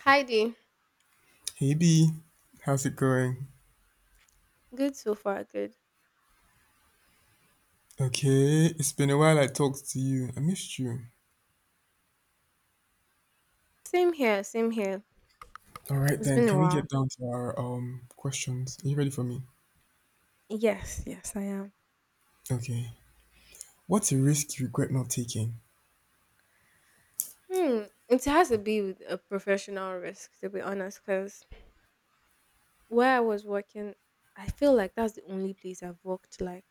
Hi Dee. Hey B, how's it going? Good so far, good. Okay, it's been a while I talked to you. I missed you. Same here, same here. All right It's then, been a can we while. get down to our questions? Are you ready for me? Yes, yes, I am. Okay. What's a risk you regret not taking? Hmm. It has to be with a professional risk, to be honest, because where I was working, I feel like that's the only place I've worked, like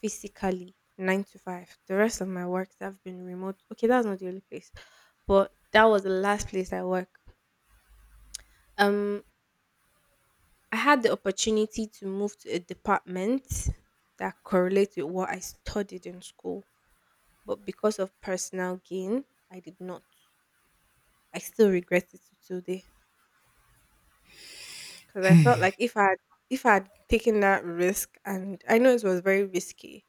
physically nine to five. The rest of my works have been remote. Okay, that's not the only place, but that was the last place I work. Um, I had the opportunity to move to a department that correlates with what I studied in school, but because of personal gain, I did not. I still regret it to today because I felt like if I had taken that risk, and I know it was very risky,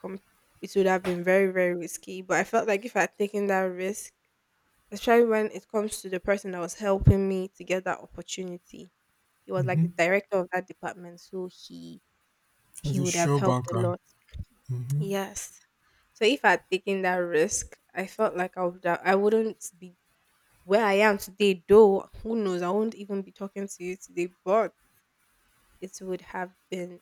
com- it would have been very very risky. But I felt like if I had taken that risk, especially when it comes to the person that was helping me to get that opportunity, he was like Mm-hmm. the director of that department, so he As he a would have sure helped a banker. lot. Yes. So if I had taken that risk, I felt like I would have, I wouldn't be where I am today, though, who knows? I won't even be talking to you today, but it would have been.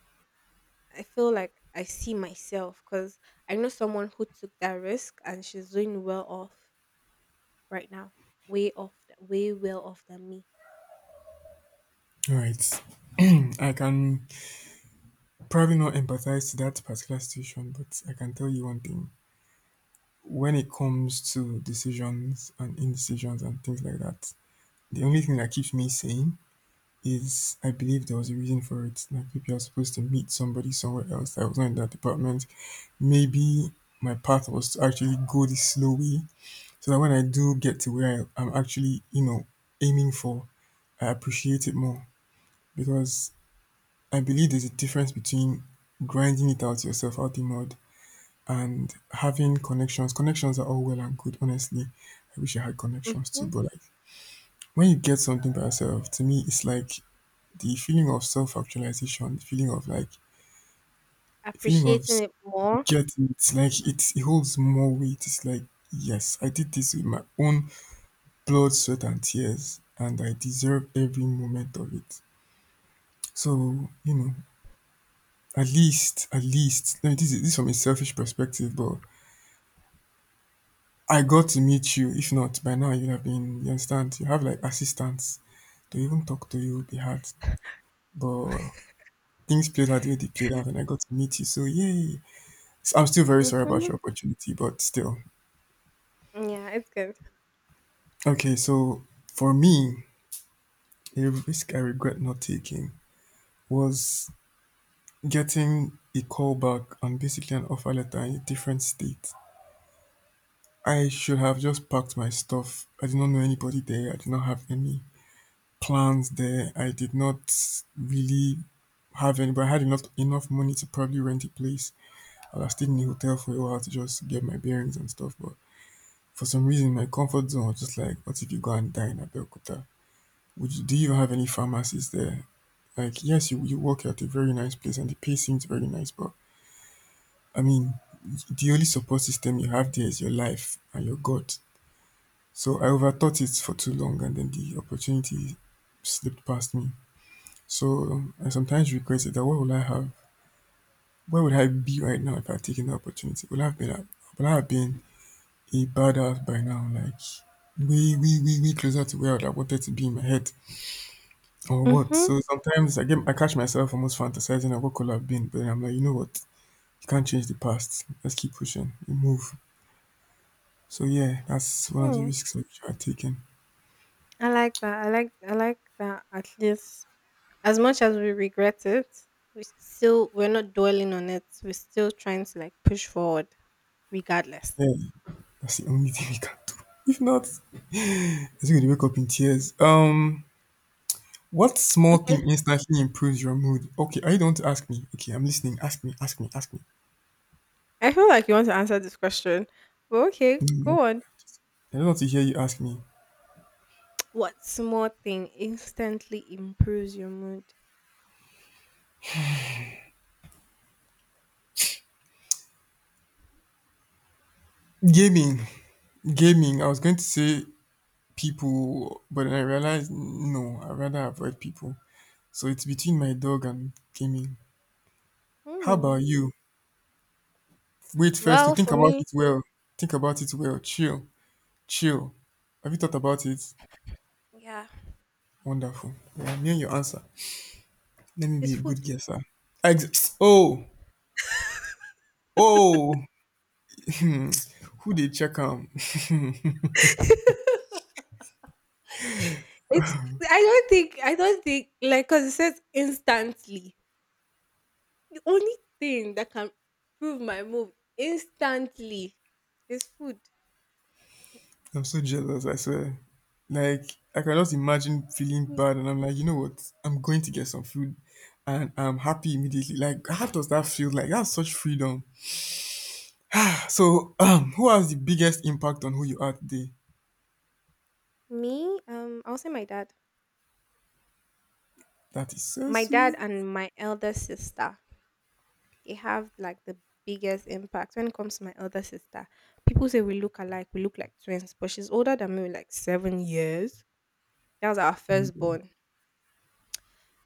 I feel like I see myself because I know someone who took that risk and she's doing well off right now, way off, way well off than me. All right. I can probably not empathize to that particular situation, but I can tell you one thing. When it comes to decisions and indecisions and things like that, the only thing that keeps me sane is I believe there was a reason for it. Like maybe I was supposed to meet somebody somewhere else that was not in that department. Maybe my path was to actually go the slow way so that when I do get to where I'm actually, you know, aiming for, I appreciate it more. Because I believe there's a difference between grinding it out yourself out the mud and having connections. Connections are all well and good, honestly. I wish I had connections too, Hmm. but like when you get something by yourself, to me, it's like the feeling of self actualization, the feeling of like The feeling of Appreciating s- it more. guilt, it's like it holds more weight. It's like, yes, I did this with my own blood, sweat, and tears, and I deserve every moment of it. So, you know, at least, I mean, this is from a selfish perspective, but I got to meet you. If not, by now you'd have been, you understand, you have like assistants. They even talk to you, they had, but things played out the way they played out, and I got to meet you. So, yay. So I'm still very sorry about Hmm. your opportunity, but still. Yeah, it's good. Okay, so for me, a risk I regret not taking was getting a call back and basically an offer letter in a different state. I should have just packed my stuff. I did not know anybody there. I did not have any plans there. I did not really have any, but I had enough money to probably rent a place. I was staying in a hotel for a while to just get my bearings and stuff. But for some reason, my comfort zone was just like, what if you go and die in Abeokuta? Do you even have any pharmacies there? Like, yes, you work at a very nice place and the pay seems very nice, but I mean, the only support system you have there is your life and your God. So I overthought it for too long and then the opportunity slipped past me. So I sometimes regret it that what would I have? Where would I be right now if I had taken the opportunity? Would I have been a badass by now? Like way, way, way, way closer to where I wanted to be in my head or what? Mm-hmm. So sometimes I catch myself almost fantasizing of what could have been, but then I'm like, you know what? You can't change the past. Let's keep pushing. You move. So yeah, that's one of the Mm. risks of are taking. I like that. I like. I like that. At least, as much as we regret it, we still, we're not dwelling on it. We're still trying to like push forward, regardless. Yeah, that's the only thing we can do. If not, it's going to wake up in tears. What small thing Okay. instantly improves your mood? Okay, are you the one to ask me? Okay, I'm listening. Ask me. Ask me. Ask me. I feel like you want to answer this question, but okay, Mm, go on. I don't want to hear you ask me. What small thing instantly improves your mood? Gaming, gaming. I was going to say people, but then I realized no. I rather avoid people. So it's between my dog and gaming. How Hmm. about you? Wait first to Well, think for about me, it well. Think about it well. Chill. Chill. Have you thought about it? yeah, Wonderful. Yeah, I'm hearing your answer. Let me be it's a good food. guesser. Oh, oh. Hmm. Who did check am? It's. I don't think. I don't think. Like, cause it says instantly. The only thing that can improve my mood instantly is food. I'm so jealous, I swear. Like, I can just imagine feeling Mm. bad, and I'm like, you know what? I'm going to get some food, and I'm happy immediately. Like, how does that feel? Like, that's such freedom. So, who has the biggest impact on who you are today? Me, I'll say my dad. That is so My dad sweet. and my elder sister. It have like the biggest impact when it comes to my elder sister. People say we look alike, we look like twins, but she's older than me with like 7 years. That was our Mm, firstborn.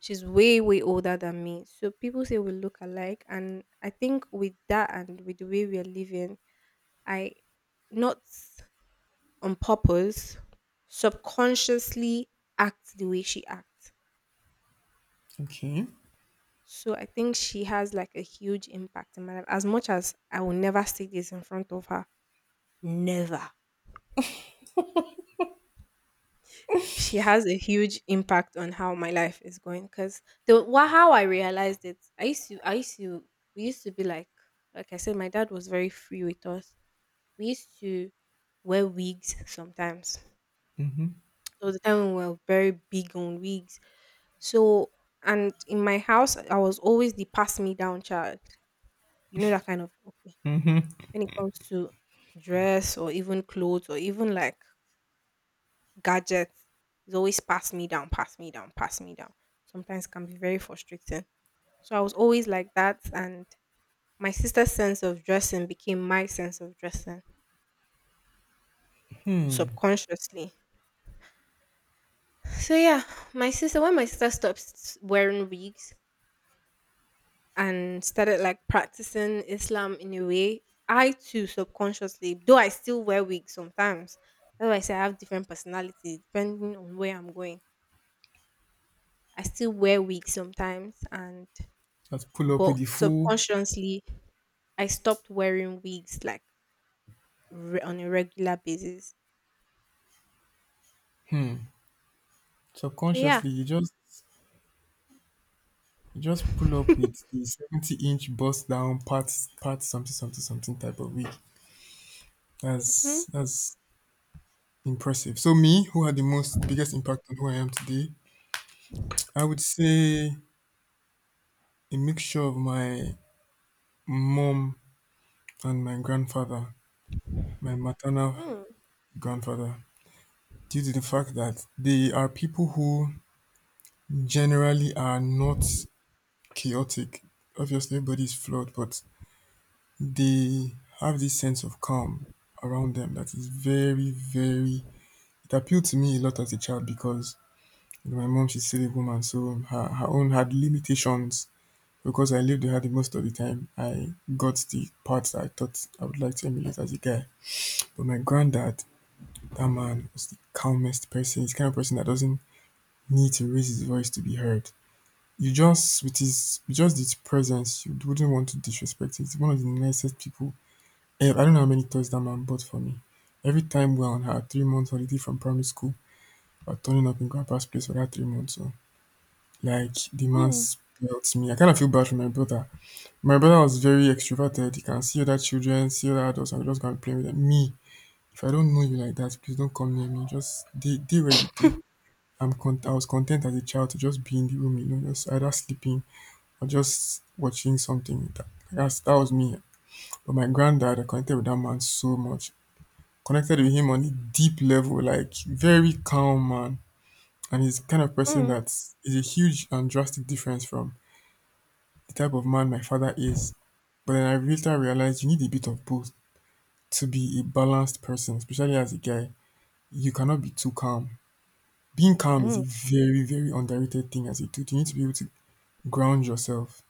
She's way, way older than me. So people say we look alike. And I think with that and with the way we are living, I, not on purpose, subconsciously act the way she acts. okay. So I think she has like a huge impact in my life. As much as I will never say this in front of her, never. She has a huge impact on how my life is going because how I realized it, I used to we used to be like I said, my dad was very free with us. We used to wear wigs sometimes, Mhm. so the time we were very big on wigs. So and in my house, I was always the pass me down child, you know, that kind of okay, when it comes to dress or even clothes or even like gadgets, is always pass me down, pass me down, pass me down. Sometimes can be very frustrating. So I was always like that, and my sister's sense of dressing became my sense of dressing subconsciously. So yeah, my sister, when my sister stopped wearing wigs and started like practicing Islam in a way, I too subconsciously, though I still wear wigs sometimes. That's why I say I have different personalities depending on where I'm going. I still wear wigs sometimes and Just pull up with the but full subconsciously I stopped wearing wigs like on a regular basis. So yeah. subconsciously. You just pull up with the 70-inch bust down part part something something something type of wig. That's Mhm. that's impressive. So me, who had the most biggest impact on who I am today, I would say a mixture of my mom and my grandfather, my maternal Mm, grandfather, due to the fact that they are people who generally are not chaotic. Obviously, everybody is flawed, but they have this sense of calm around them that is very, very. It appealed to me a lot as a child because you know, my mom, she's still a woman, so her own had limitations. Because I lived with her the most of the time, I got the parts that I thought I would like to emulate as a guy. But my granddad, that man was the calmest person. He's the kind of person that doesn't need to raise his voice to be heard. You just, with just his presence, you wouldn't want to disrespect him. He's one of the nicest people. I don't know how many toys that man bought for me. Every time we're on our 3 months holiday from primary school, we're turning up in grandpa's place for that 3 months. So, like, the man mm, spelt me. I kind of feel bad for my brother. My brother was very extroverted. He can see other children, see other adults, and just go and play with them. Me, if I don't know you like that, please don't come near me. Just stay, stay where you stay. I was content as a child to just be in the room, you know, just either sleeping or just watching something. That that was me. But my granddad, I connected with that man so much. Connected with him on a deep level, like very calm man. And he's the kind of person mm, that is a huge and drastic difference from the type of man my father is. But then I later realized you need a bit of both to be a balanced person, especially as a guy. You cannot be too calm. Being calm is a mm. very, very underrated thing as a dude. You need to be able to ground yourself,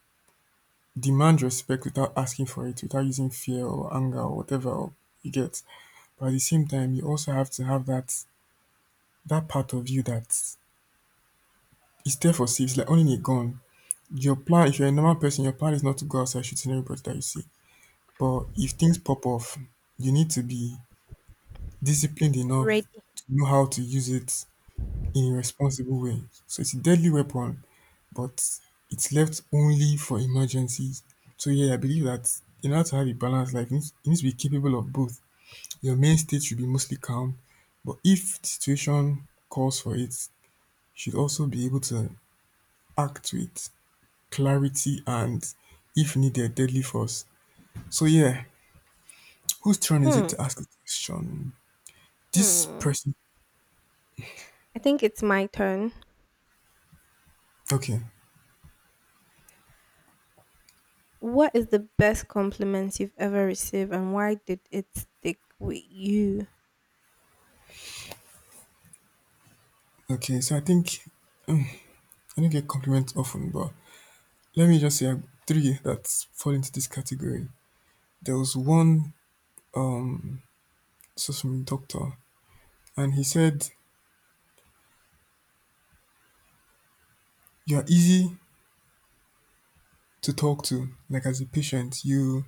demand respect without asking for it, without using fear or anger or whatever you get. But at the same time, you also have to have that part of you that it's there for saves, like owning a gun. Your plan, if you're a normal person, your plan is not to go outside shooting everybody that you see. But if things pop off, you need to be disciplined enough Ready. to know how to use it in a responsible way. So it's a deadly weapon, but it's left only for emergencies. So yeah, I believe that in order to have a balanced life, you need to be capable of both. Your main state should be mostly calm, but if the situation calls for it, you should also be able to act to it. Clarity and if needed deadly force. So yeah, whose turn is it Hmm. to ask a question? This Hmm. person. I think it's my turn. Okay. What is the best compliment you've ever received and why did it stick with you? Okay, so I think I don't get compliments often, but let me just say three that fall into this category. There was one, this was from a doctor, and he said you are easy to talk to. Like as a patient, you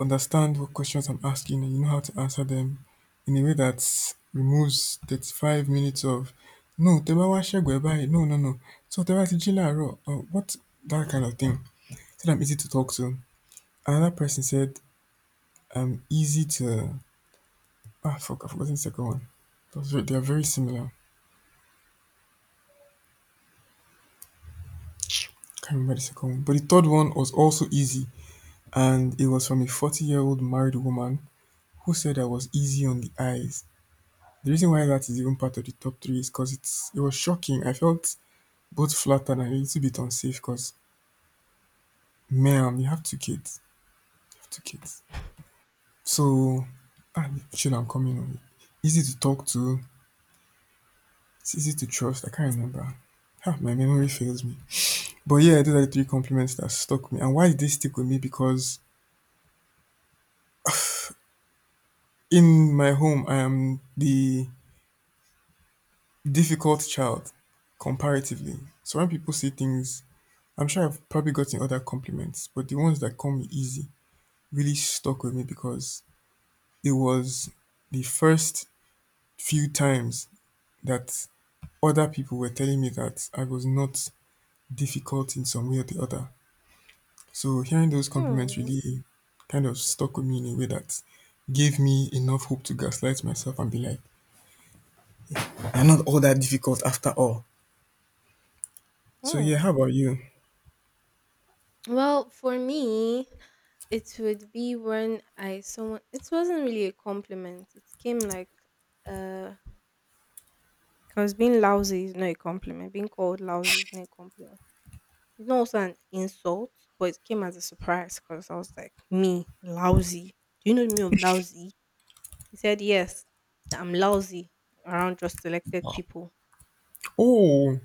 understand what questions I'm asking and you know how to answer them in a way that removes 35 minutes of no, Teba wa shegwe bayi, no, no, no. So Teba ti jila ro, or what, that kind of thing. Said I'm easy to talk to. Another person said I'm easy to, ah, fuck, I've forgotten the second one. They are very similar. Can't remember the second one. But the third one was also easy. And it was from a 40-year-old married woman who said I was easy on the eyes. The reason why that is even part of the top three is because it was shocking. I felt both flattered and a little bit unsafe because ma'am, you have two kids. You have two kids. So ah chill. I'm coming on. Easy to talk to, it's easy to trust. I can't remember. Ah, my memory fails me. But yeah, those are the three compliments that stuck me. And why did they stick with me? Because in my home I am the difficult child comparatively. So when people say things, I'm sure I've probably gotten other compliments, but the ones that come easy really stuck with me because it was the first few times that other people were telling me that I was not difficult in some way or the other. So hearing those Hmm. compliments really kind of stuck with me in a way that gave me enough hope to gaslight myself and be like, so yeah, Hmm. how about you? Well, for me, it would be when I someone, it wasn't really a compliment. It came like uh. Because being lousy is not a compliment. Being called lousy is not a compliment. It's not also an insult, but it came as a surprise because I was like, me, lousy. Do you know me of lousy? He said, yes, that I'm lousy around just selected people. Oh,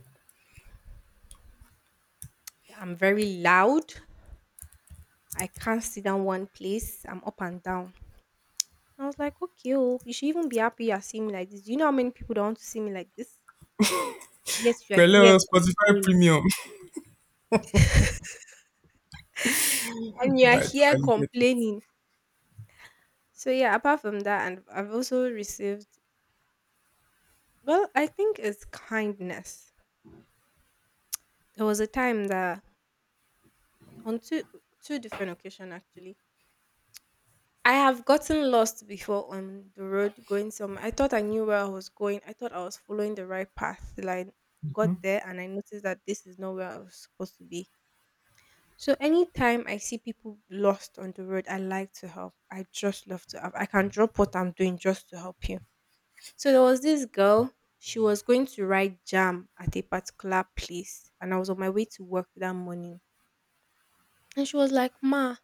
That I'm very loud. I can't sit down one place. I'm up and down. And I was like, okay, oh, you should even be happy you're seeing me like this. Do you know how many people don't want to see me like this? Yes, you are here hello, Spotify complaining. Premium. And you are Right, here totally get it. complaining. So yeah, apart from that, and I've also received, well, I think it's kindness. There was a time that on two, two different occasions actually, I have gotten lost before on the road going somewhere. I thought I knew where I was going. I thought I was following the right path till I Hmm? got there and I noticed that this is not where I was supposed to be. So anytime I see people lost on the road, I like to help. I just love to help. I can drop what I'm doing just to help you. So there was this girl, she was going to write jam at a particular place, and I was on my way to work that morning. And she was like, "Ma,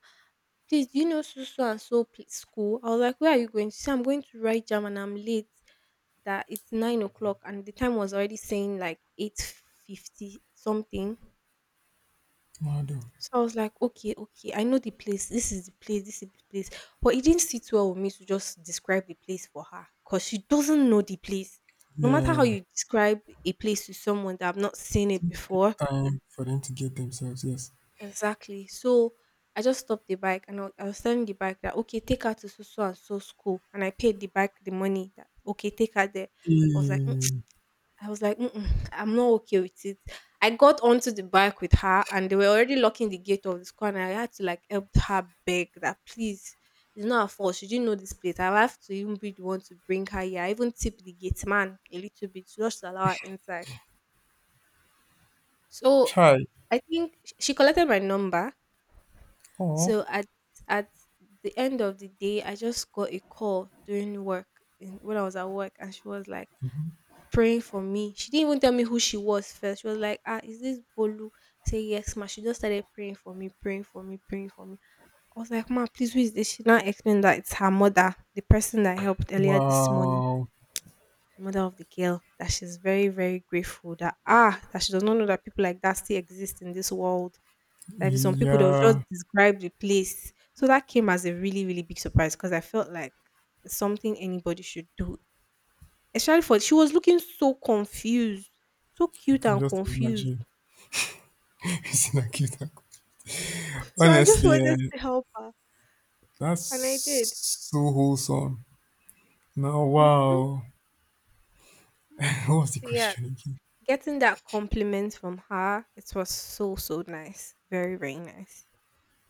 please, do you know so so and so school?" I was like, "Where are you going?" She said, "I'm going to write jam and I'm late." That it's 9 o'clock and the time was already saying like 8:50 something. Mado. So I was like, okay, okay, I know the place. This is the place. This is the place. But it didn't sit well with me to just describe the place for her because she doesn't know the place. No matter how Yeah, you describe a place to someone that I've not it seen it before, took time for them to get themselves. Yes. exactly. So I just stopped the bike and I I was telling the bike that okay, take her to so so and so school, and I paid the bike the money that okay, take her there. I was like, Eh, I was like, "Mm-mm, I'm not okay with it." I got onto the bike with her, and they were already locking the gate of the school. And I had to like help her beg that, please, it's not her fault. She didn't know this place. I have to even be the one to bring her here. I even tip the gate man a little bit just to allow her inside. So Chai. I think she collected my number. Oh, So at the end of the day, I just got a call during work, in, when I was at work, and she was like, praying for me. She didn't even tell me who she was first. She was like, "Ah, is this Bolu?" Say yes, ma. She just started praying for me, praying for me, praying for me. I was like, "Ma, please, who is this?" She now explained that it's her mother, the person that helped earlier this morning, wow. the mother of the girl. That she's very, very grateful. That ah, that she does not know that people like that still exist in this world. That if some people they'll just Yeah, describe the place. So that came as a really, really big surprise because I felt like it's something anybody should do. Especially for she was looking so confused, so I cute can and just confused. imagine. It's like it- So I just Honestly, eh, wanted to help her, that's and I did. so wholesome. Now, Mhm. wow. What was the So yeah, question again? getting that compliment from her, it was so so nice, very very nice.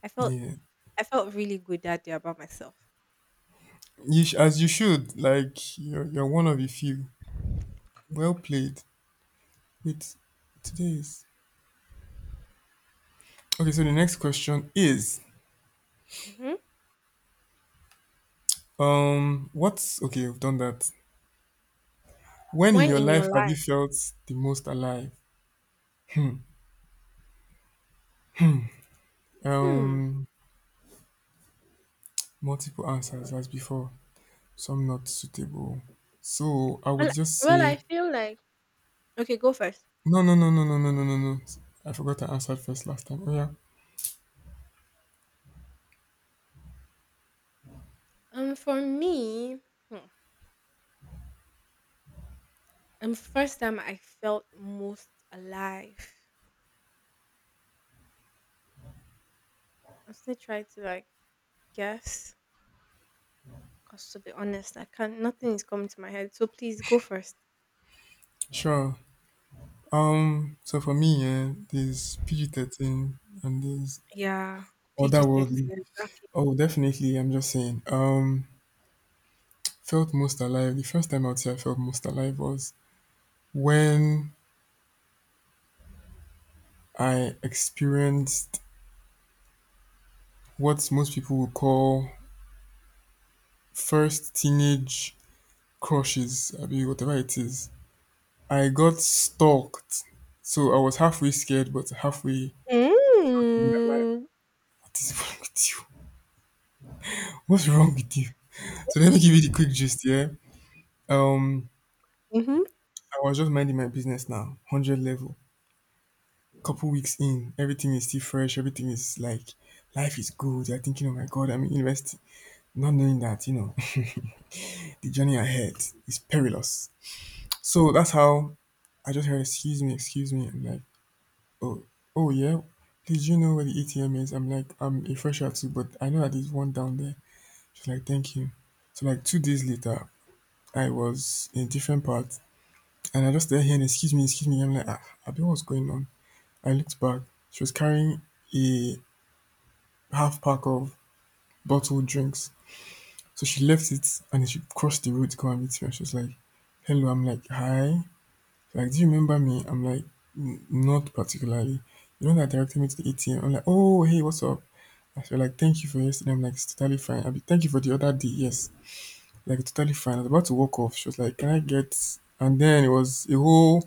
I felt, Yeah. I felt really good that day about myself. You sh- as you should, like, you're one of the few. Well played. Wait, today's. Okay, so the next question is Hmm. What's. Okay, we've done that. When in When your in life your have you life, felt the most alive? Hmm. hmm. Um, multiple answers as before. Some not suitable. So I would Well, just well, I say feel like okay, go first. no, no, no, no, no, no, no, no, no. I forgot I answered first last time. Oh yeah, For me, hmm, first time I felt most alive. I'm still trying to like guess. 'Cause to be honest, I can't nothing is coming to my head, so please go first. sure. So for me, yeah, there's PG 13 and there's Yeah, otherworldly. PG-13, exactly. Oh, definitely. I'm just saying. Felt most alive. The first time out here, I felt most alive was when I experienced what most people would call first teenage crushes, I mean, whatever it is. I got stalked. So I was halfway scared, but halfway like, Mm. what is wrong with you? What's wrong with you? So let me give you the quick gist, yeah. Um, Mhm. I was just minding my business now, hundred level. Couple weeks in, everything is still fresh. Everything is like, life is good. You're thinking, oh my god, I'm in university, not knowing that you know the journey ahead is perilous. So that's how I just heard, excuse me, excuse me. I'm like, oh, oh yeah. Did you know where the ATM is? I'm like, I'm a fresher too, but I know that there's one down there. She's like, thank you. So like two days later, I was in a different part, and I just there here and excuse me, excuse me. I'm like, ah, I don't know what's going on. I looked back. She was carrying a half pack of bottled drinks. So she left it and she crossed the road to come and meet me. And she was like, hello. I'm like, hi. She's like, do you remember me? I'm like, "N- not particularly. You know that directed me to the ATM. I'm like, oh, hey, what's up? I feel like thank you for yesterday." I'm like, "It's totally fine. I be thank you for the other day." "Yes, like totally fine." I was about to walk off. She was like, "Can I get?" And then it was a whole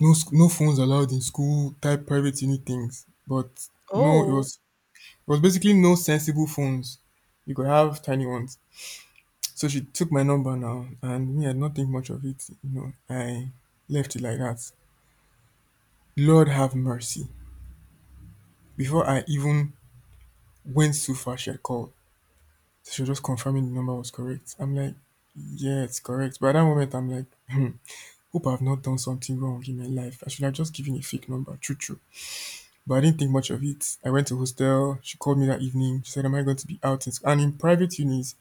no sc- no phones allowed in school type private unit things. But no, Oh. It was basically no sensible phones. You could have tiny ones. So she took my number now, and me, I did not think much of it. You know, I left it like that. Lord have mercy. Before I even went so far, she had called. So she was just confirming the number was correct. I'm like, yeah, it's correct. But at that moment, I'm like, hmm, hope I've not done something wrong in my life. I should have just given a fake number, true, true. But I didn't think much of it. I went to hostel. She called me that evening. She said, "Am I going to be out?" in sc-" And in private unis,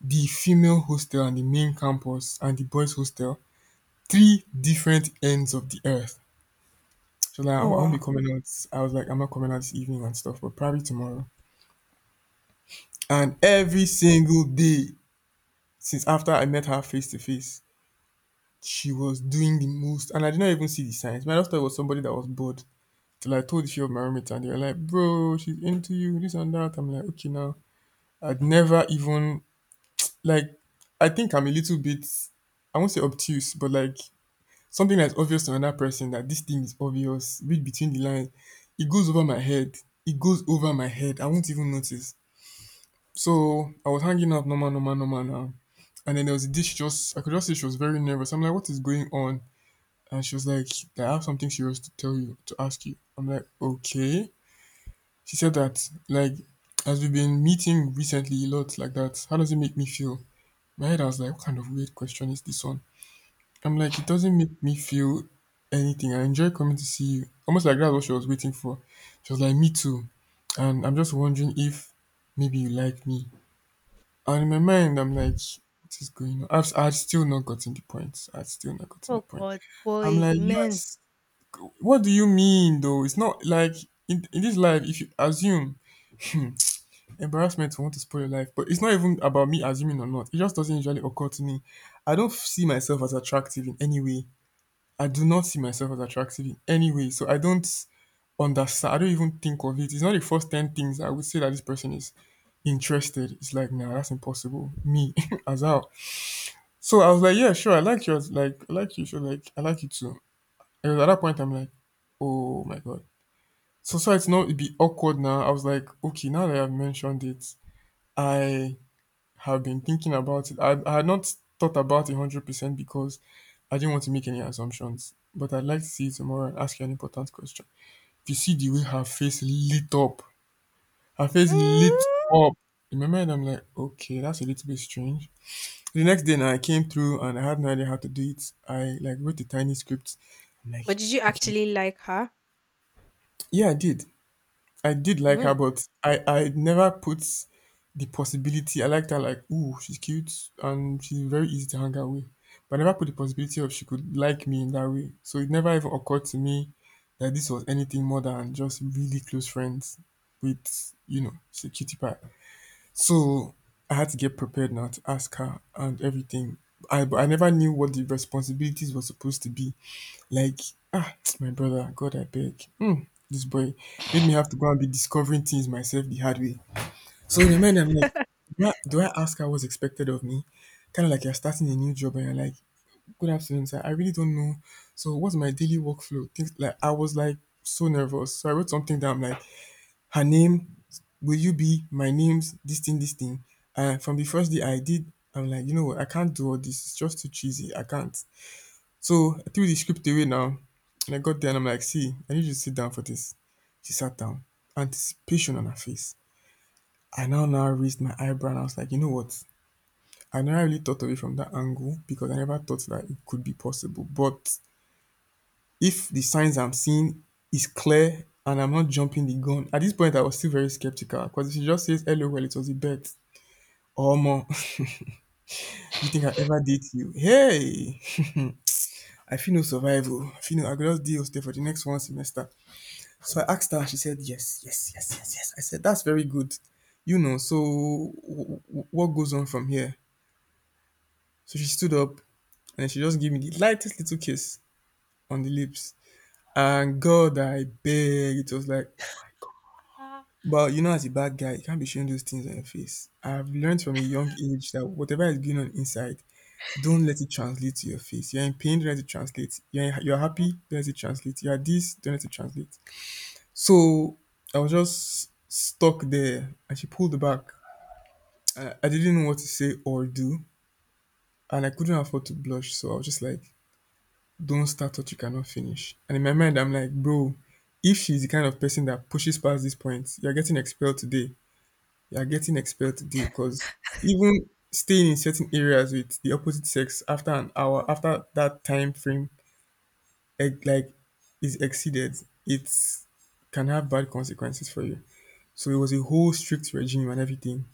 the female hostel and the main campus and the boys hostel, three different ends of the earth. So like, I Oh, won't be wow. coming out. I was like, I'm not coming out this evening and stuff, but probably tomorrow. And every single day since after I met her face to face, she was doing the most, and I did not even see the signs. My just was somebody that was bored. Till I told a few of my roommates, and they were like, "Bro, she's into you, this and that." I'm like, "Okay, now." I'd never even like. I think I'm a little bit. I won't say obtuse, but like something that's obvious to another person that this thing is obvious. Read between the lines. It goes over my head. It goes over my head. I won't even notice. So I was hanging out normal, normal, normal now. And then there was this. She just I could just see she was very nervous. I'm like, what is going on? And she was like, I have something serious to tell you, to ask you. I'm like, okay. She said that, like, as we've been meeting recently a lot like that, how does it make me feel? My head, I was like, what kind of weird question is this one? I'm like, it doesn't make me feel anything. I enjoy coming to see you. Almost like that's what she was waiting for. She was like, me too. And I'm just wondering if maybe you like me. And in my mind, I'm like, what is going on? I'd still not gotten the point. I'd still not gotten the Oh point. god, I'm boys, like, men. yes, what do you mean though? It's not like in this life, if you assume embarrassment will want to spoil your life, but it's not even about me assuming or not. It just doesn't usually occur to me. I don't see myself as attractive in any way. I do not see myself as attractive in any way. So I don't understand. I don't even think of it. It's not the first 10 things I would say that this person is interested. It's like, nah, that's impossible. Me, as how. So I was like, yeah, sure. I like you. I was like, I like you. Sure, like, I like you too. And at that point, I'm like, oh my God. Society no e be awkward now. I was like, okay, now that I've mentioned it, I have been thinking about it. I had not thought about it 100% because I didn't want to make any assumptions. But I'd like to see you tomorrow and ask you an important question. If you see the way her face lit up, her face lit Mm. up. Remember, and I'm like, okay, that's a little bit strange. The next day, now I came through and I had no idea how to do it. I like wrote a tiny script. I'm like, But did you okay, actually like her? yeah, I did. I did like her, Mm. but I never put the possibility. I liked her like, ooh, she's cute and she's very easy to hang out with. But I never put the possibility of she could like me in that way. So it never even occurred to me that this was anything more than just really close friends with, you know, she's a cutie pie. So I had to get prepared now to ask her and everything. I but I never knew what the responsibilities were supposed to be. Like, ah, my brother, God, I beg. Hmm, this boy made me have to go and be discovering things myself the hard way. So in my mind, I'm like, do I ask her what's expected of me? Kind of like you're starting a new job and you're like, good afternoon, sir. I really don't know. So what's my daily workflow? Things like I was like so nervous. So I wrote something down like her name, will you be my name's this thing, this thing. And from the first day I did, I'm like, you know what, I can't do all this. It's just too cheesy. I can't. So I threw the script away now, and I got there and I'm like, see, I need you to sit down for this. She sat down, anticipation on her face. I now raised my eyebrow and I was like, you know what? I never really thought of it from that angle because I never thought that it could be possible. But if the signs I'm seeing is clear and I'm not jumping the gun, at this point I was still very skeptical because if she just says, hello, well, it was a bet. Or more, do you think I ever date you? Hey, I feel no survival. I feel no, I could just deal stay for the next one semester. So I asked her, she said, yes, yes, yes, yes, yes. I said, that's very good. You know, so what goes on from here? So she stood up and she just gave me the lightest little kiss on the lips. And God, I beg, it was like, oh my God. Ah. But you know, as a bad guy, you can't be showing those things on your face. I've learned from a young age that whatever is going on inside, don't let it translate to your face. You're in pain, don't let it translate. You're happy, don't let it translate. You're this, don't let it translate. So I was just stuck there and she pulled back. I didn't know what to say or do, and I couldn't afford to blush. So I was just like, don't start what you cannot finish. And in my mind, I'm like, bro, if she's the kind of person that pushes past this point, you're getting expelled today. You're getting expelled today because even staying in certain areas with the opposite sex after an hour, after that time frame, eh, like is exceeded, it can have bad consequences for you. So it was a whole strict regime and everything.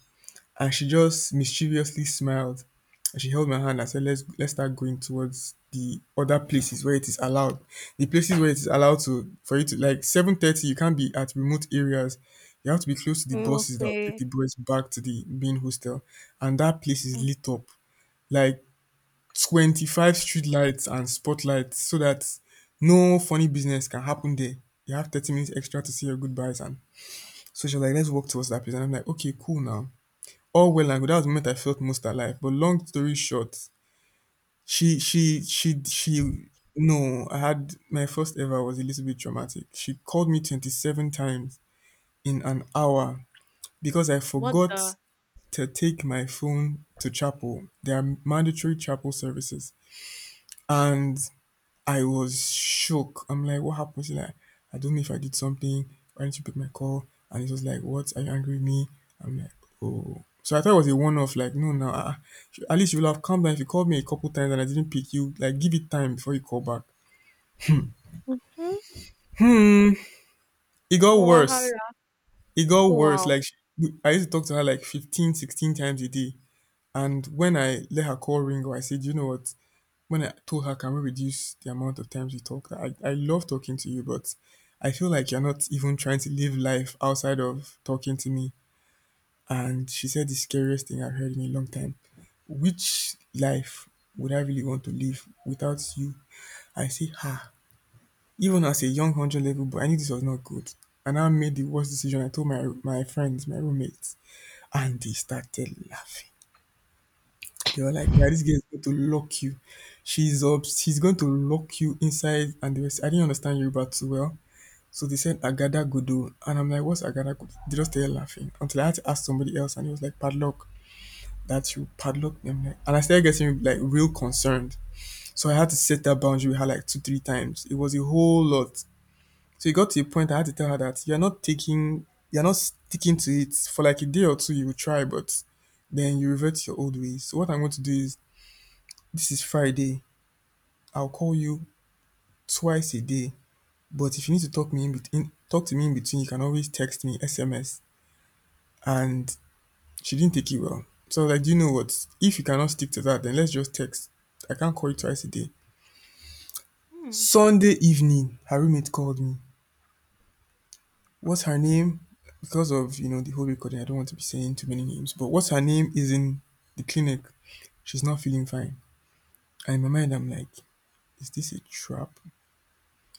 And she just mischievously smiled and she held my hand and said, let's start going towards the other places where it is allowed. The places where it is allowed to for you to like 7:30, you can't be at remote areas. You have to be close to the Mm, buses that will take okay. the boys back to the main hostel. And that place is Mm. lit up. Like 25 street lights and spotlights so that no funny business can happen there. You have 30 minutes extra to say your goodbyes. And so she was like, let's work towards that place. And I'm like, okay, cool now. All well and good. That was the moment I felt most alive. But long story short, she no, I had my first ever was a little bit traumatic. She called me 27 times in an hour because I What forgot the. to take my phone to chapel. There are mandatory chapel services. And I was shook. I'm like, what happened? She's like, I don't know if I did something. Why didn't you pick my call? And it was like, what? Are you angry with me? I'm like, oh. So I thought it was a one-off. Like, no, no. At least you will have calmed down if you called me a couple times and I didn't pick you. Like, give it time before you call back. Hmm? Hmm. It got worse. Wahala. It got Oh, worse. wow. Like, she- I used to talk to her like 15, 16 times a day. And when I let her call ring, I said, you know what? When I told her, can we reduce the amount of times we talk? I love talking to you, but I feel like you're not even trying to live life outside of talking to me. And she said the scariest thing I've heard in a long time. Which life would I really want to live without you? I say, ha. Even as a young 100 level boy, I knew this was not good. And I made the worst decision. I told my friends, my roommates, and they started laughing. They were like, "Guy, this girl is going to lock you. She's up. She's going to lock you inside." And they were, I didn't understand Yoruba too well, so they said "agada godo," and I'm like, "What's agada godo?" They just started laughing until I had to ask somebody else, and he was like, "Padlock." That you padlock them, like, and I started getting like real concerned. So I had to set that boundary with her like two, three times. It was a whole lot. So it got to a point I had to tell her that you're not taking, you're not sticking to it for like a day or two. You will try, but then you revert to your old ways. So what I'm going to do is this is Friday, I'll call you twice a day, but if you need to talk me in between, talk to me in between, you can always text me, SMS. And she didn't take it well. So I was like, do you know what? If you cannot stick to that, then let's just text. I can't call you twice a day. Hmm. Sunday evening, her roommate called me. What's her name? Because of you know the whole recording, I don't want to be saying too many names. But what's her name is in the clinic. She's not feeling fine. And in my mind, I'm like, is this a trap?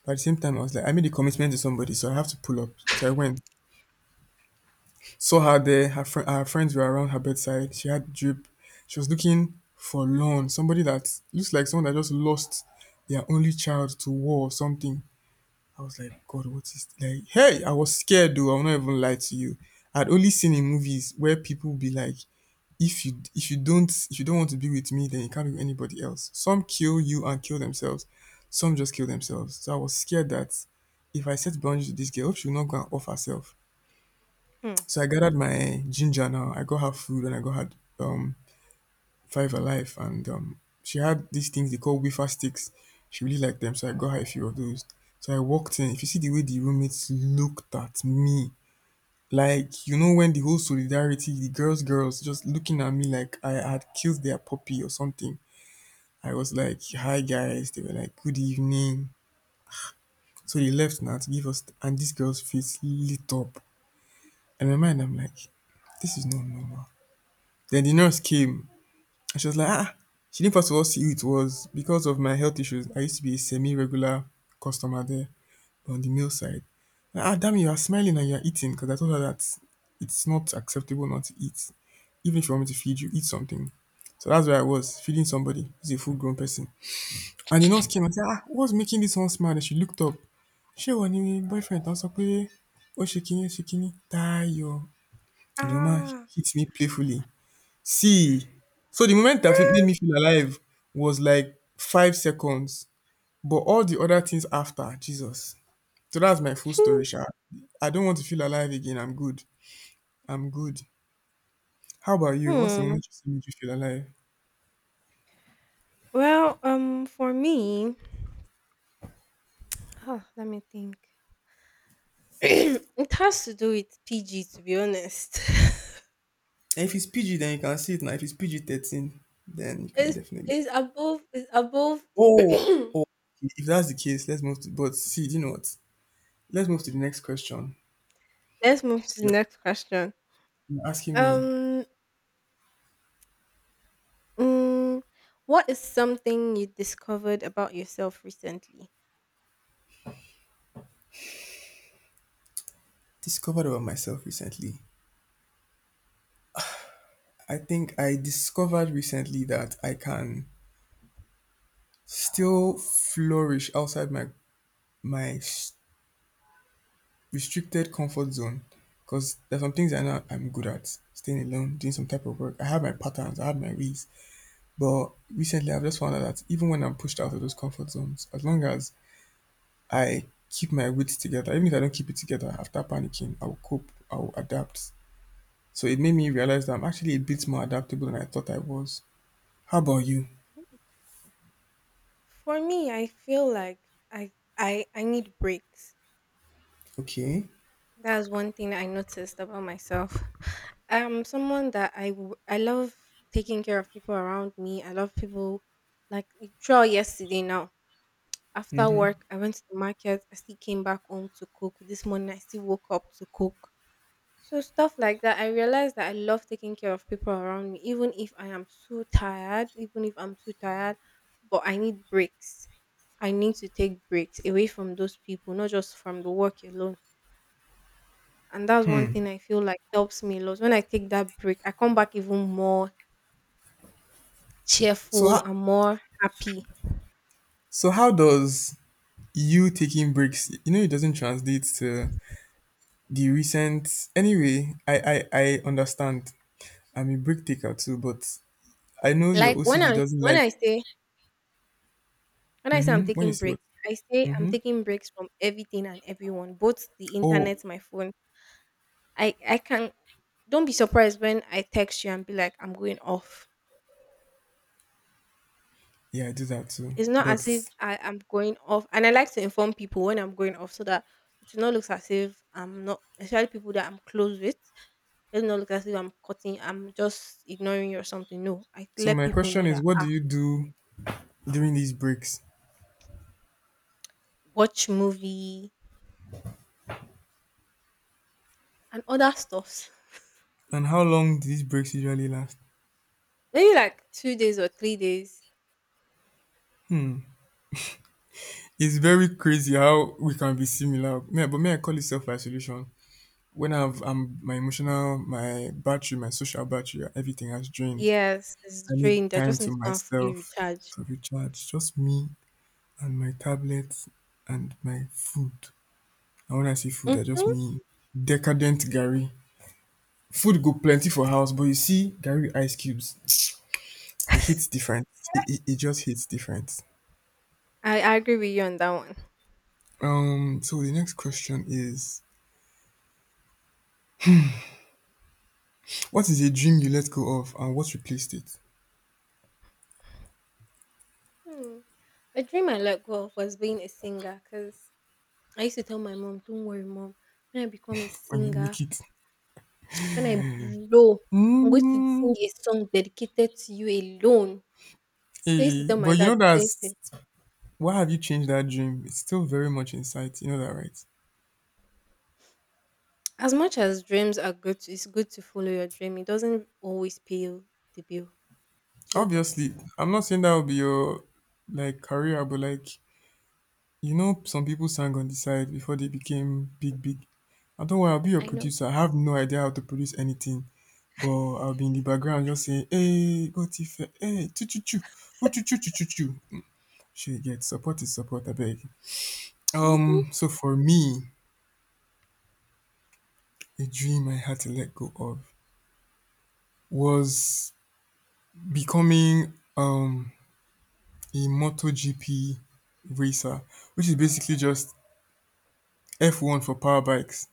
But at the same time, I was like, I made a commitment to somebody, so I have to pull up. So I went, saw her there. Her, fri her friends were around her bedside. She had drip. She was looking for loan. Somebody that looks like someone that just lost their only child to war or something. I was like, God, what is like? Hey, I was scared though. I'll not even lie to you. I'd only seen in movies where people be like, if you don't want to be with me, then you can't be with anybody else. Some kill you and kill themselves, some just kill themselves. So I was scared that if I set boundaries with this girl, I hope she will not go and off herself. Hmm. So I gathered my ginger now. I got her food and I got her um five alive, and she had these things they call wafer sticks. She really liked them, so I got her a few of those. So I walked in, if you see the way the roommates looked at me, like, you know, when the whole solidarity, the girls just looking at me like I had killed their puppy or something. I was like, hi guys. They were like, good evening. So they left now to give us, and this girl's face lit up. And in my mind, I'm like, this is not normal. Then the nurse came and she was like, ah, she didn't first of all see who it was. Because of my health issues, I used to be a semi regular customer there. But on the male side, ah, damn, you are smiling and you are eating, because I told her that it's not acceptable not to eat. Even if you want me to feed you, eat something. So that's where I was, feeding somebody who's a full grown person. And the nurse came and said, ah, what's making this one smile? And she looked up. She was my boyfriend. I was like, "Eh, oh, shaking, shaking, Tayo." And the woman Ah. hit me playfully. See, so the moment that it made me feel alive was like 5 seconds, but all the other things after, Jesus. So that's my full story, Sha. I don't want to feel alive again. I'm good. I'm good. How about you? What's the Hmm. moment you see me you feel alive? Well, for me, huh, let me think. It has to do with PG to be honest. If it's PG, then you can see it now. If it's PG 13, then you can It's definitely. it's above it's above. Oh, oh, okay. If that's the case, let's move to. But see, do you know what? Let's move to the next question. Let's move to the You're next question. you're asking me, Um mm, what is something you discovered about yourself recently? discovered about myself recently. I think I discovered recently that I can still flourish outside my Restricted comfort zone, because there's some things I know I'm good at. Staying alone, doing some type of work. I have my patterns, I have my ways. But recently I've just found out that even when I'm pushed out of those comfort zones, as long as I keep my wits together, even if I don't keep it together after panicking, I'll cope, I'll adapt. So it made me realize that I'm actually a bit more adaptable than I thought I was. How about you? For me, I feel like I I I need breaks. Okay. That's one thing I noticed about myself. I'm someone that I love taking care of people around me. I love people, like throughout yesterday now. After Hmm. work, I went to the market. I still came back home to cook. This morning, I still woke up to cook. So, stuff like that, I realized that I love taking care of people around me, even if I am so tired, even if I'm too tired, but I need breaks. I need to take breaks away from those people, not just from the work alone. And that's one thing I feel like helps me a lot. When I take that break, I come back even more So cheerful how and more happy. so how does you taking breaks? You know, it doesn't translate to the recent anyway. I understand, I'm a break taker too, but I know your Like when OCD I doesn't when like I say When I say I'm mm-hmm when you taking say what breaks, I say I'm mm-hmm taking breaks from everything and everyone, both the oh internet, my phone. I can don't be surprised when I text you and be like, I'm going off. yeah I do that too It's not but as if I am going off. And I like to inform people when I'm going off so that it will not look as if I'm not, especially people that I'm close with. It will not look as if I'm just ignoring you or something. No. I so let my people question know is that what I do you do during these breaks, watch movie and other stuffs. and how long do these breaks usually last? Maybe like 2 days or 3 days. It's very crazy how we can be similar me, but me I call it self-isolation when I've my emotional my battery my social battery everything has drained, Yes, it's I need drained. I time just need to to go and fully myself recharge. to recharge, just me and my tablet and my food. And when I say food, I just Mm-hmm. mean decadent Gary. Food go plenty for house, but you see Gary with ice cubes, it hits different. It just hits different. I agree with you on that one. So the next question is what is a dream you let go of and what replaced it? Hmm. A dream I let go of was being a singer because I used to tell my mom, don't worry, mom, when I become a And you singer, make it when I blow, I'm going to mm, sing a song dedicated to you alone. So I used to Hey. tell my But you dad know the same thing. that's why have you changed that dream? It's still very much in sight, you know that right? As much as dreams are good, it's good to follow your dream. It doesn't always pay the bill. Do you get? Obviously, I'm not saying that will be your like career, but like you know, some people sang on the side before they became big, big. And don't worry, I'll be your I know. producer. I have no idea how to produce anything, but I'll be in the background just saying, hey, go Tifa, hey, choo choo choo, who choo choo choo choo choo. She get support is support, I beg. Hmm. So for me, a dream I had to let go of was becoming a MotoGP racer, which is basically just F1 for power bikes.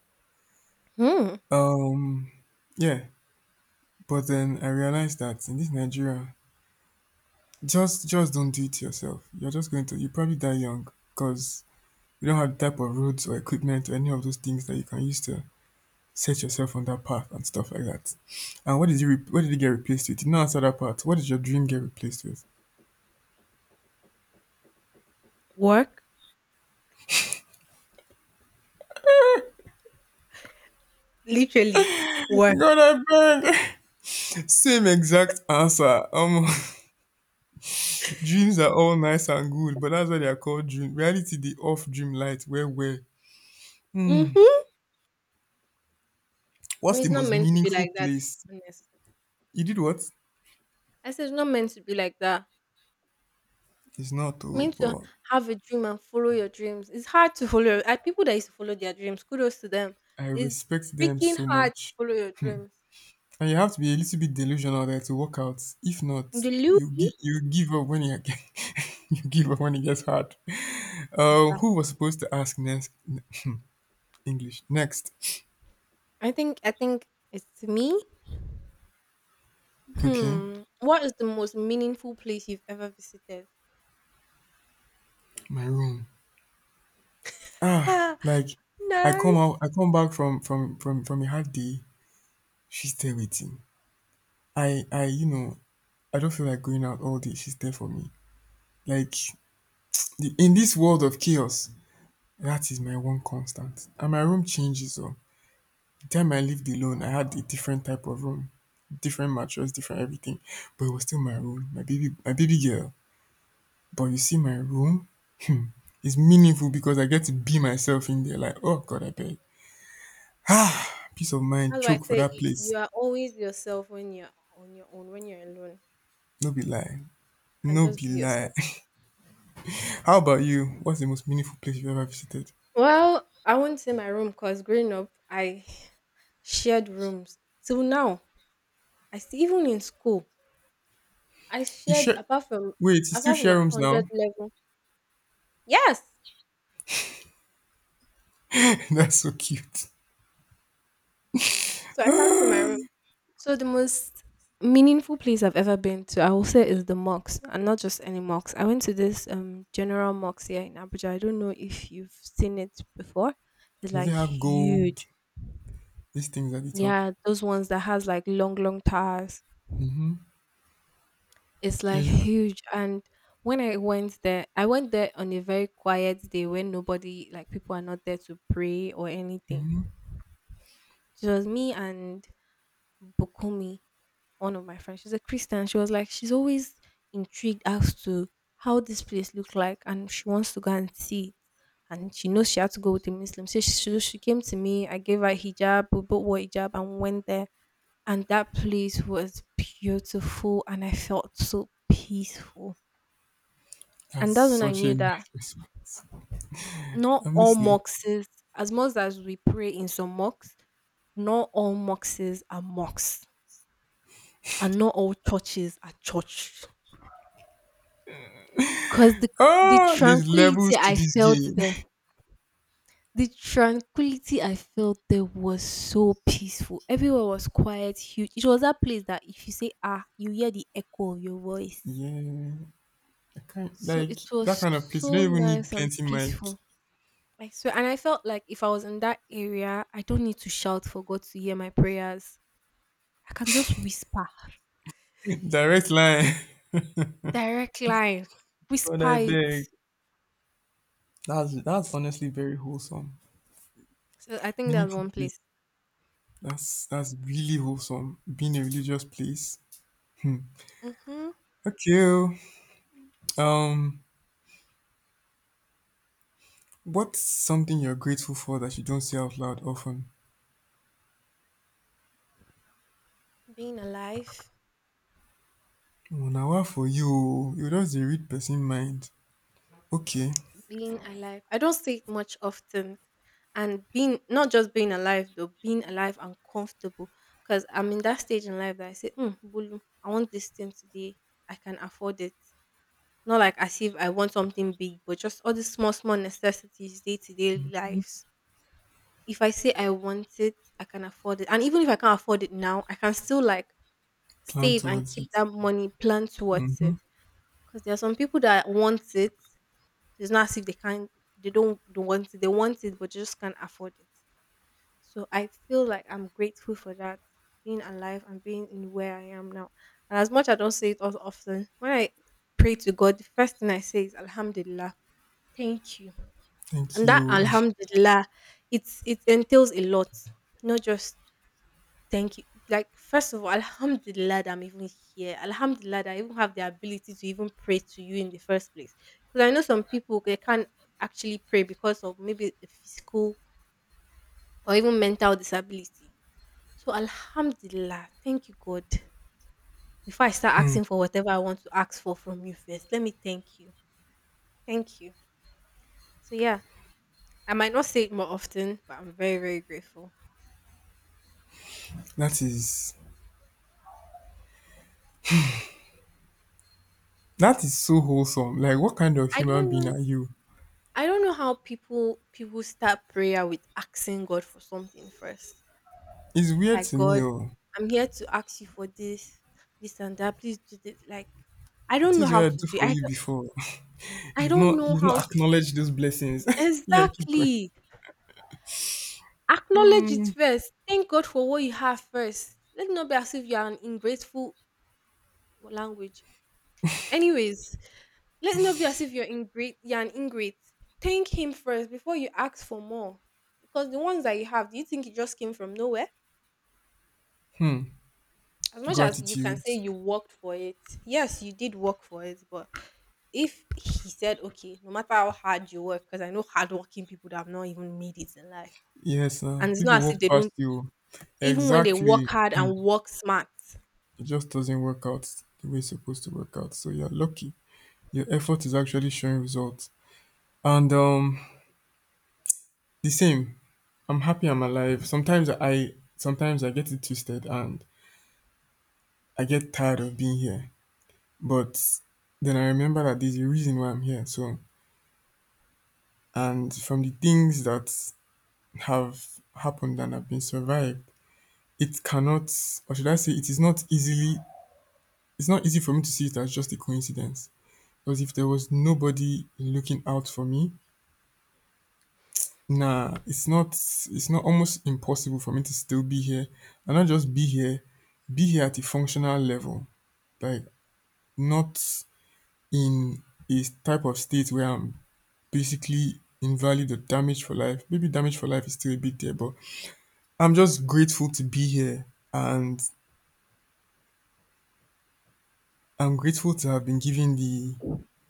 Hmm. Um, yeah. But then I realized that in this Nigeria, just don't do it to yourself. You're just going to you probably die young because you don't have the type of roads or equipment or any of those things that you can use to set yourself on that path and stuff like that. And what did you get replaced with? You didn't answer that part. What did your dream get replaced with? Work, literally work. God, I beg. Same exact answer. Dreams are all nice and good, but that's why they are called dream. Reality, the off dream light, where. Hmm. Mhm. I What's mean, the it's not most meant to be meaningful like that. place? Honest. You did what? I said it's not meant to be like that. It's not You though, meant to but have a dream and follow your dreams. It's hard to follow. I people that used to follow their dreams. Kudos to them. I It's respect them freaking so hard to much. follow your dreams. And you have to be a little bit delusional there to work out. If not, The loop you give up when you you give up when it gets hard. is Uh, that. who was supposed to ask next? English next. I think it's me. Okay, Hmm. What is the most meaningful place you've ever visited? my room. Ah, Ah, like I come nice. out, I come back from a hard day. She's there waiting. I I don't feel like going out all day. She's there for me. Like in this world of chaos, that is my one constant. And my room changes oh. The time I lived alone, I had a different type of room. Different mattress, different everything. But it was still my room, my baby girl. But you see my room is meaningful because I get to be myself in there like, oh God, I beg. Peace of mind That's why I choke for say that you, place. you are always yourself when you're on your own. When you're alone, you No be lie. can No just be be lie. yourself. How about you? What's the most meaningful place you've ever visited? Well, I won't say my room because growing up, I shared rooms. Till now, I still even in school, I You shared share apart from Wait, you still apart from my share rooms hundred now? level. Yes, That's so cute. so I can't say my room. So the most meaningful place I've ever been to, I will say, is the mosque, and not just any mosque. I went to this general mosque here in Abuja. I don't know if you've seen it before. It's Does it like have gold? huge. These things at the top. Yeah, those ones that has like long, long towers. Mm-hmm. It's like Yes. huge. And when I went there on a very quiet day when nobody, like people are not there to pray or anything. It was me and Bukumi, one of my friends. She's a Christian. She was like, she's always intrigued as to how this place looked like and she wants to go and see it. And she knows she had to go with a Muslim. So she came to me. I gave her hijab. We both wore hijab and went there. And that place was beautiful. And I felt so peaceful. That's And that's when I such a knew that nice response. not I'm all listening. moxes, as much as we pray in some mocks, not all moxes are mocks, and not all churches are church. Because the Ah, there's tranquility levels to I this felt game. there, the tranquility I felt there was so peaceful. Everywhere was quiet, huge. It was that place that if you say ah, you hear the echo of your voice. Yeah, I can't So like it was that kind of place. You so don't even need nice and plenty mic. peaceful. I swear, and I felt like if I was in that area, I don't need to shout for God to hear my prayers. I can just whisper, Direct line. direct line, God, whisper I beg. it. That's honestly very wholesome, So I think that's meaningful one place. place. That's really wholesome. Being a religious place. Hmm. Okay, oh. Um, what's something you're grateful for that you don't say out loud often? Being alive, Oh, now what for you? Oh, you just dey read person mind. Okay, being alive. I don't say it much often, and being not just being alive though, being alive and comfortable. Because I'm in that stage in life that I say, mm, Bulu, I want this thing today. I can afford it. Not like as if I want something big, but just all the small, small necessities, day to day lives. If I say I want it, I can afford it. And even if I can't afford it now, I can still like plan save and towards it. keep that money, plan towards Hmm. it. Because there are some people that want it. It's not as if they can't they don't want it. They want it but just can't afford it. So I feel like I'm grateful for that. Being alive and being in where I am now. And as much I don't say it as often, when I pray to God, the first thing I say is Alhamdulillah. Thank you. Thank And that you. Alhamdulillah, it's it entails a lot. Not just thank you. Like, first of all, alhamdulillah that I'm even here. Alhamdulillah that I even have the ability to even pray to you in the first place. Because I know some people they can't actually pray because of maybe a physical or even mental disability. So alhamdulillah, thank you, God. Before I start asking for whatever I want to ask for from you first, let me thank you. Thank you. So yeah, I might not say it more often, but I'm very, very grateful. That is that is so wholesome. Like what kind of I human don't being know. are you? I don't know how people start prayer with asking God for something first. It's weird Like, to me, God, oh. I'm here to ask you for this, this and that. Please do this. Like, I don't know Things how were I to do do it. for you before. I You've don't not know you've not how. acknowledged those blessings. Yeah, keep going. Exactly. Acknowledge it Hmm. first. Thank God for what you have first. Let it not be as if you are an ingrateful language. Anyways, let it not be as if you're ingrate. You're an ingrate. Thank Him first before you ask for more, because the ones that you have, do you think it just came from nowhere? Hmm. As much as you can Gratitude. say you worked for it, yes, you did work for it, but if he said, okay, no matter how hard you work, because I know hardworking people that have not even made it in life, Yes, and it's people not as if walk they past don't, you. even when they work Exactly. hard Hmm. and work smart. It just doesn't work out the way it's supposed to work out. So you're lucky. Your effort is actually showing results. And the same. I'm happy I'm alive. Sometimes I get it twisted and I get tired of being here. But then I remember that there's a reason why I'm here. So, and from the things that have happened and have been survived, it cannot, or should I say it is not easily, it's not easy for me to see it as just a coincidence. Because if there was nobody looking out for me, nah, it's not almost impossible for me to still be here and not just be here at a functional level. Like, not in a type of state where I'm basically invalid or damaged for life. Maybe damaged for life is still a bit there, but I'm just grateful to be here, and I'm grateful to have been given the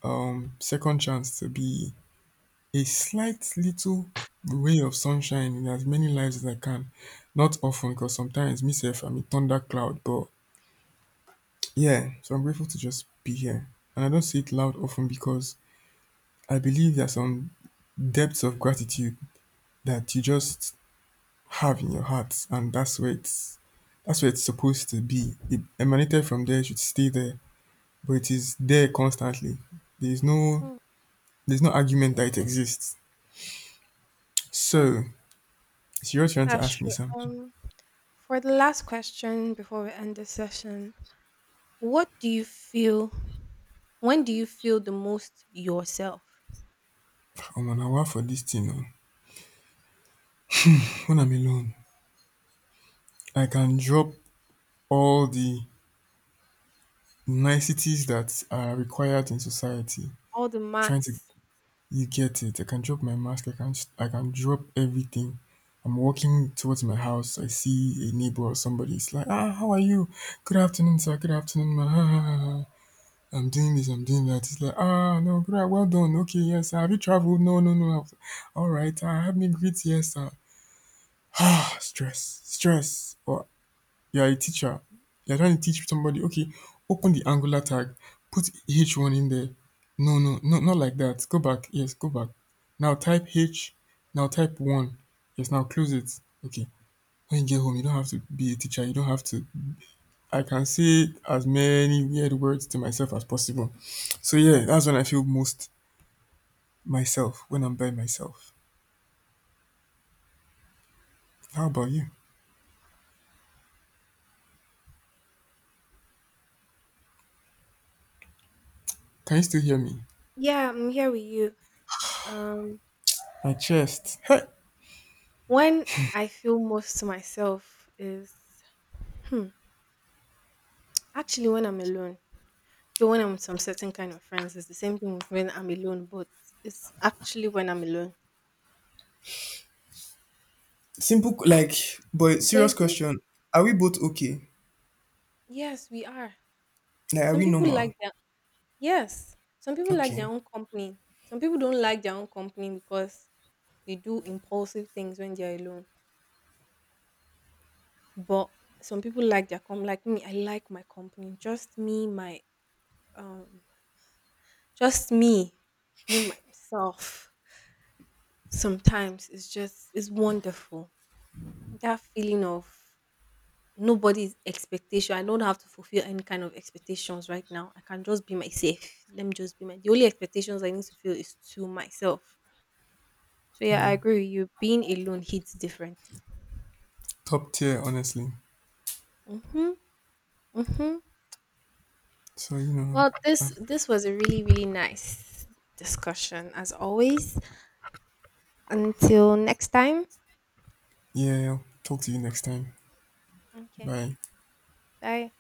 second chance to be a slight little ray of sunshine in as many lives as I can. Not often, because sometimes myself I'm a thunder cloud. But yeah, so I'm grateful to just be here. And I don't say it loud often because I believe there's some depths of gratitude that you just have in your heart, and that's where it's supposed to be. It emanated from there, it should stay there, but it is there constantly. There's no Hmm, there's no argument that it exists. hmm. So, it's your turn to That's ask me true. something. For the last question before we end the session, what do you feel? When do you feel the most yourself? Omo na wahala for this thing oo. Wen I'm alone, I can drop all the niceties that are required in society, All the trying to, marks. you get it? I can drop my mask, I can drop everything. I'm walking towards my house, I see a neighbor or somebody, it's like, "Ah, how are you? Good afternoon sir, good afternoon ma, ha ha ha ha. I'm doing this, I'm doing that." It's like, "Ah no, good ah, well done, okay yes have you traveled? No no no, alright ah, help me greet Yes, sir." Ah, stress, stress but you are a teacher. You're trying to teach somebody, okay, open the Angular tag, put H1 in there. No, no, no, not like that. Go back. Yes, go back. Now type H. Now type 1. Yes, now close it. Okay. When you get home, you don't have to be a teacher. You don't have to. I can say as many weird words to myself as possible. So, yeah, that's when I feel most myself, when I'm by myself. How about you? Can you still hear me? Yeah, I'm here with you. Um, My chest. Hey! when I feel most to myself is hmm, actually when I'm alone. Though when I'm with some certain kind of friends, it's the same thing with when I'm alone, but it's actually when I'm alone. Simple, like, but serious There's this, question. Are we both okay? yes, we are. Like, are Some we people normal? like their, yes, some people like their Okay. own company. Some people don't like their own company because they do impulsive things when they're alone. But some people like their company, like me, I like my company. Just me, my, um, just me, being myself. Sometimes it's just, it's wonderful. That feeling of nobody's expectation. I don't have to fulfill any kind of expectations right now. I can just be myself. Let me just be my. The only expectations I need to feel is to myself. So yeah, I Yeah, agree with you. Being alone hits differently. top tier, honestly. Mhm. Mhm. So, you know, Well, this I've, this was a really nice discussion as always. Until next time. yeah, I'll talk to you next time. Okay. Bye. Bye.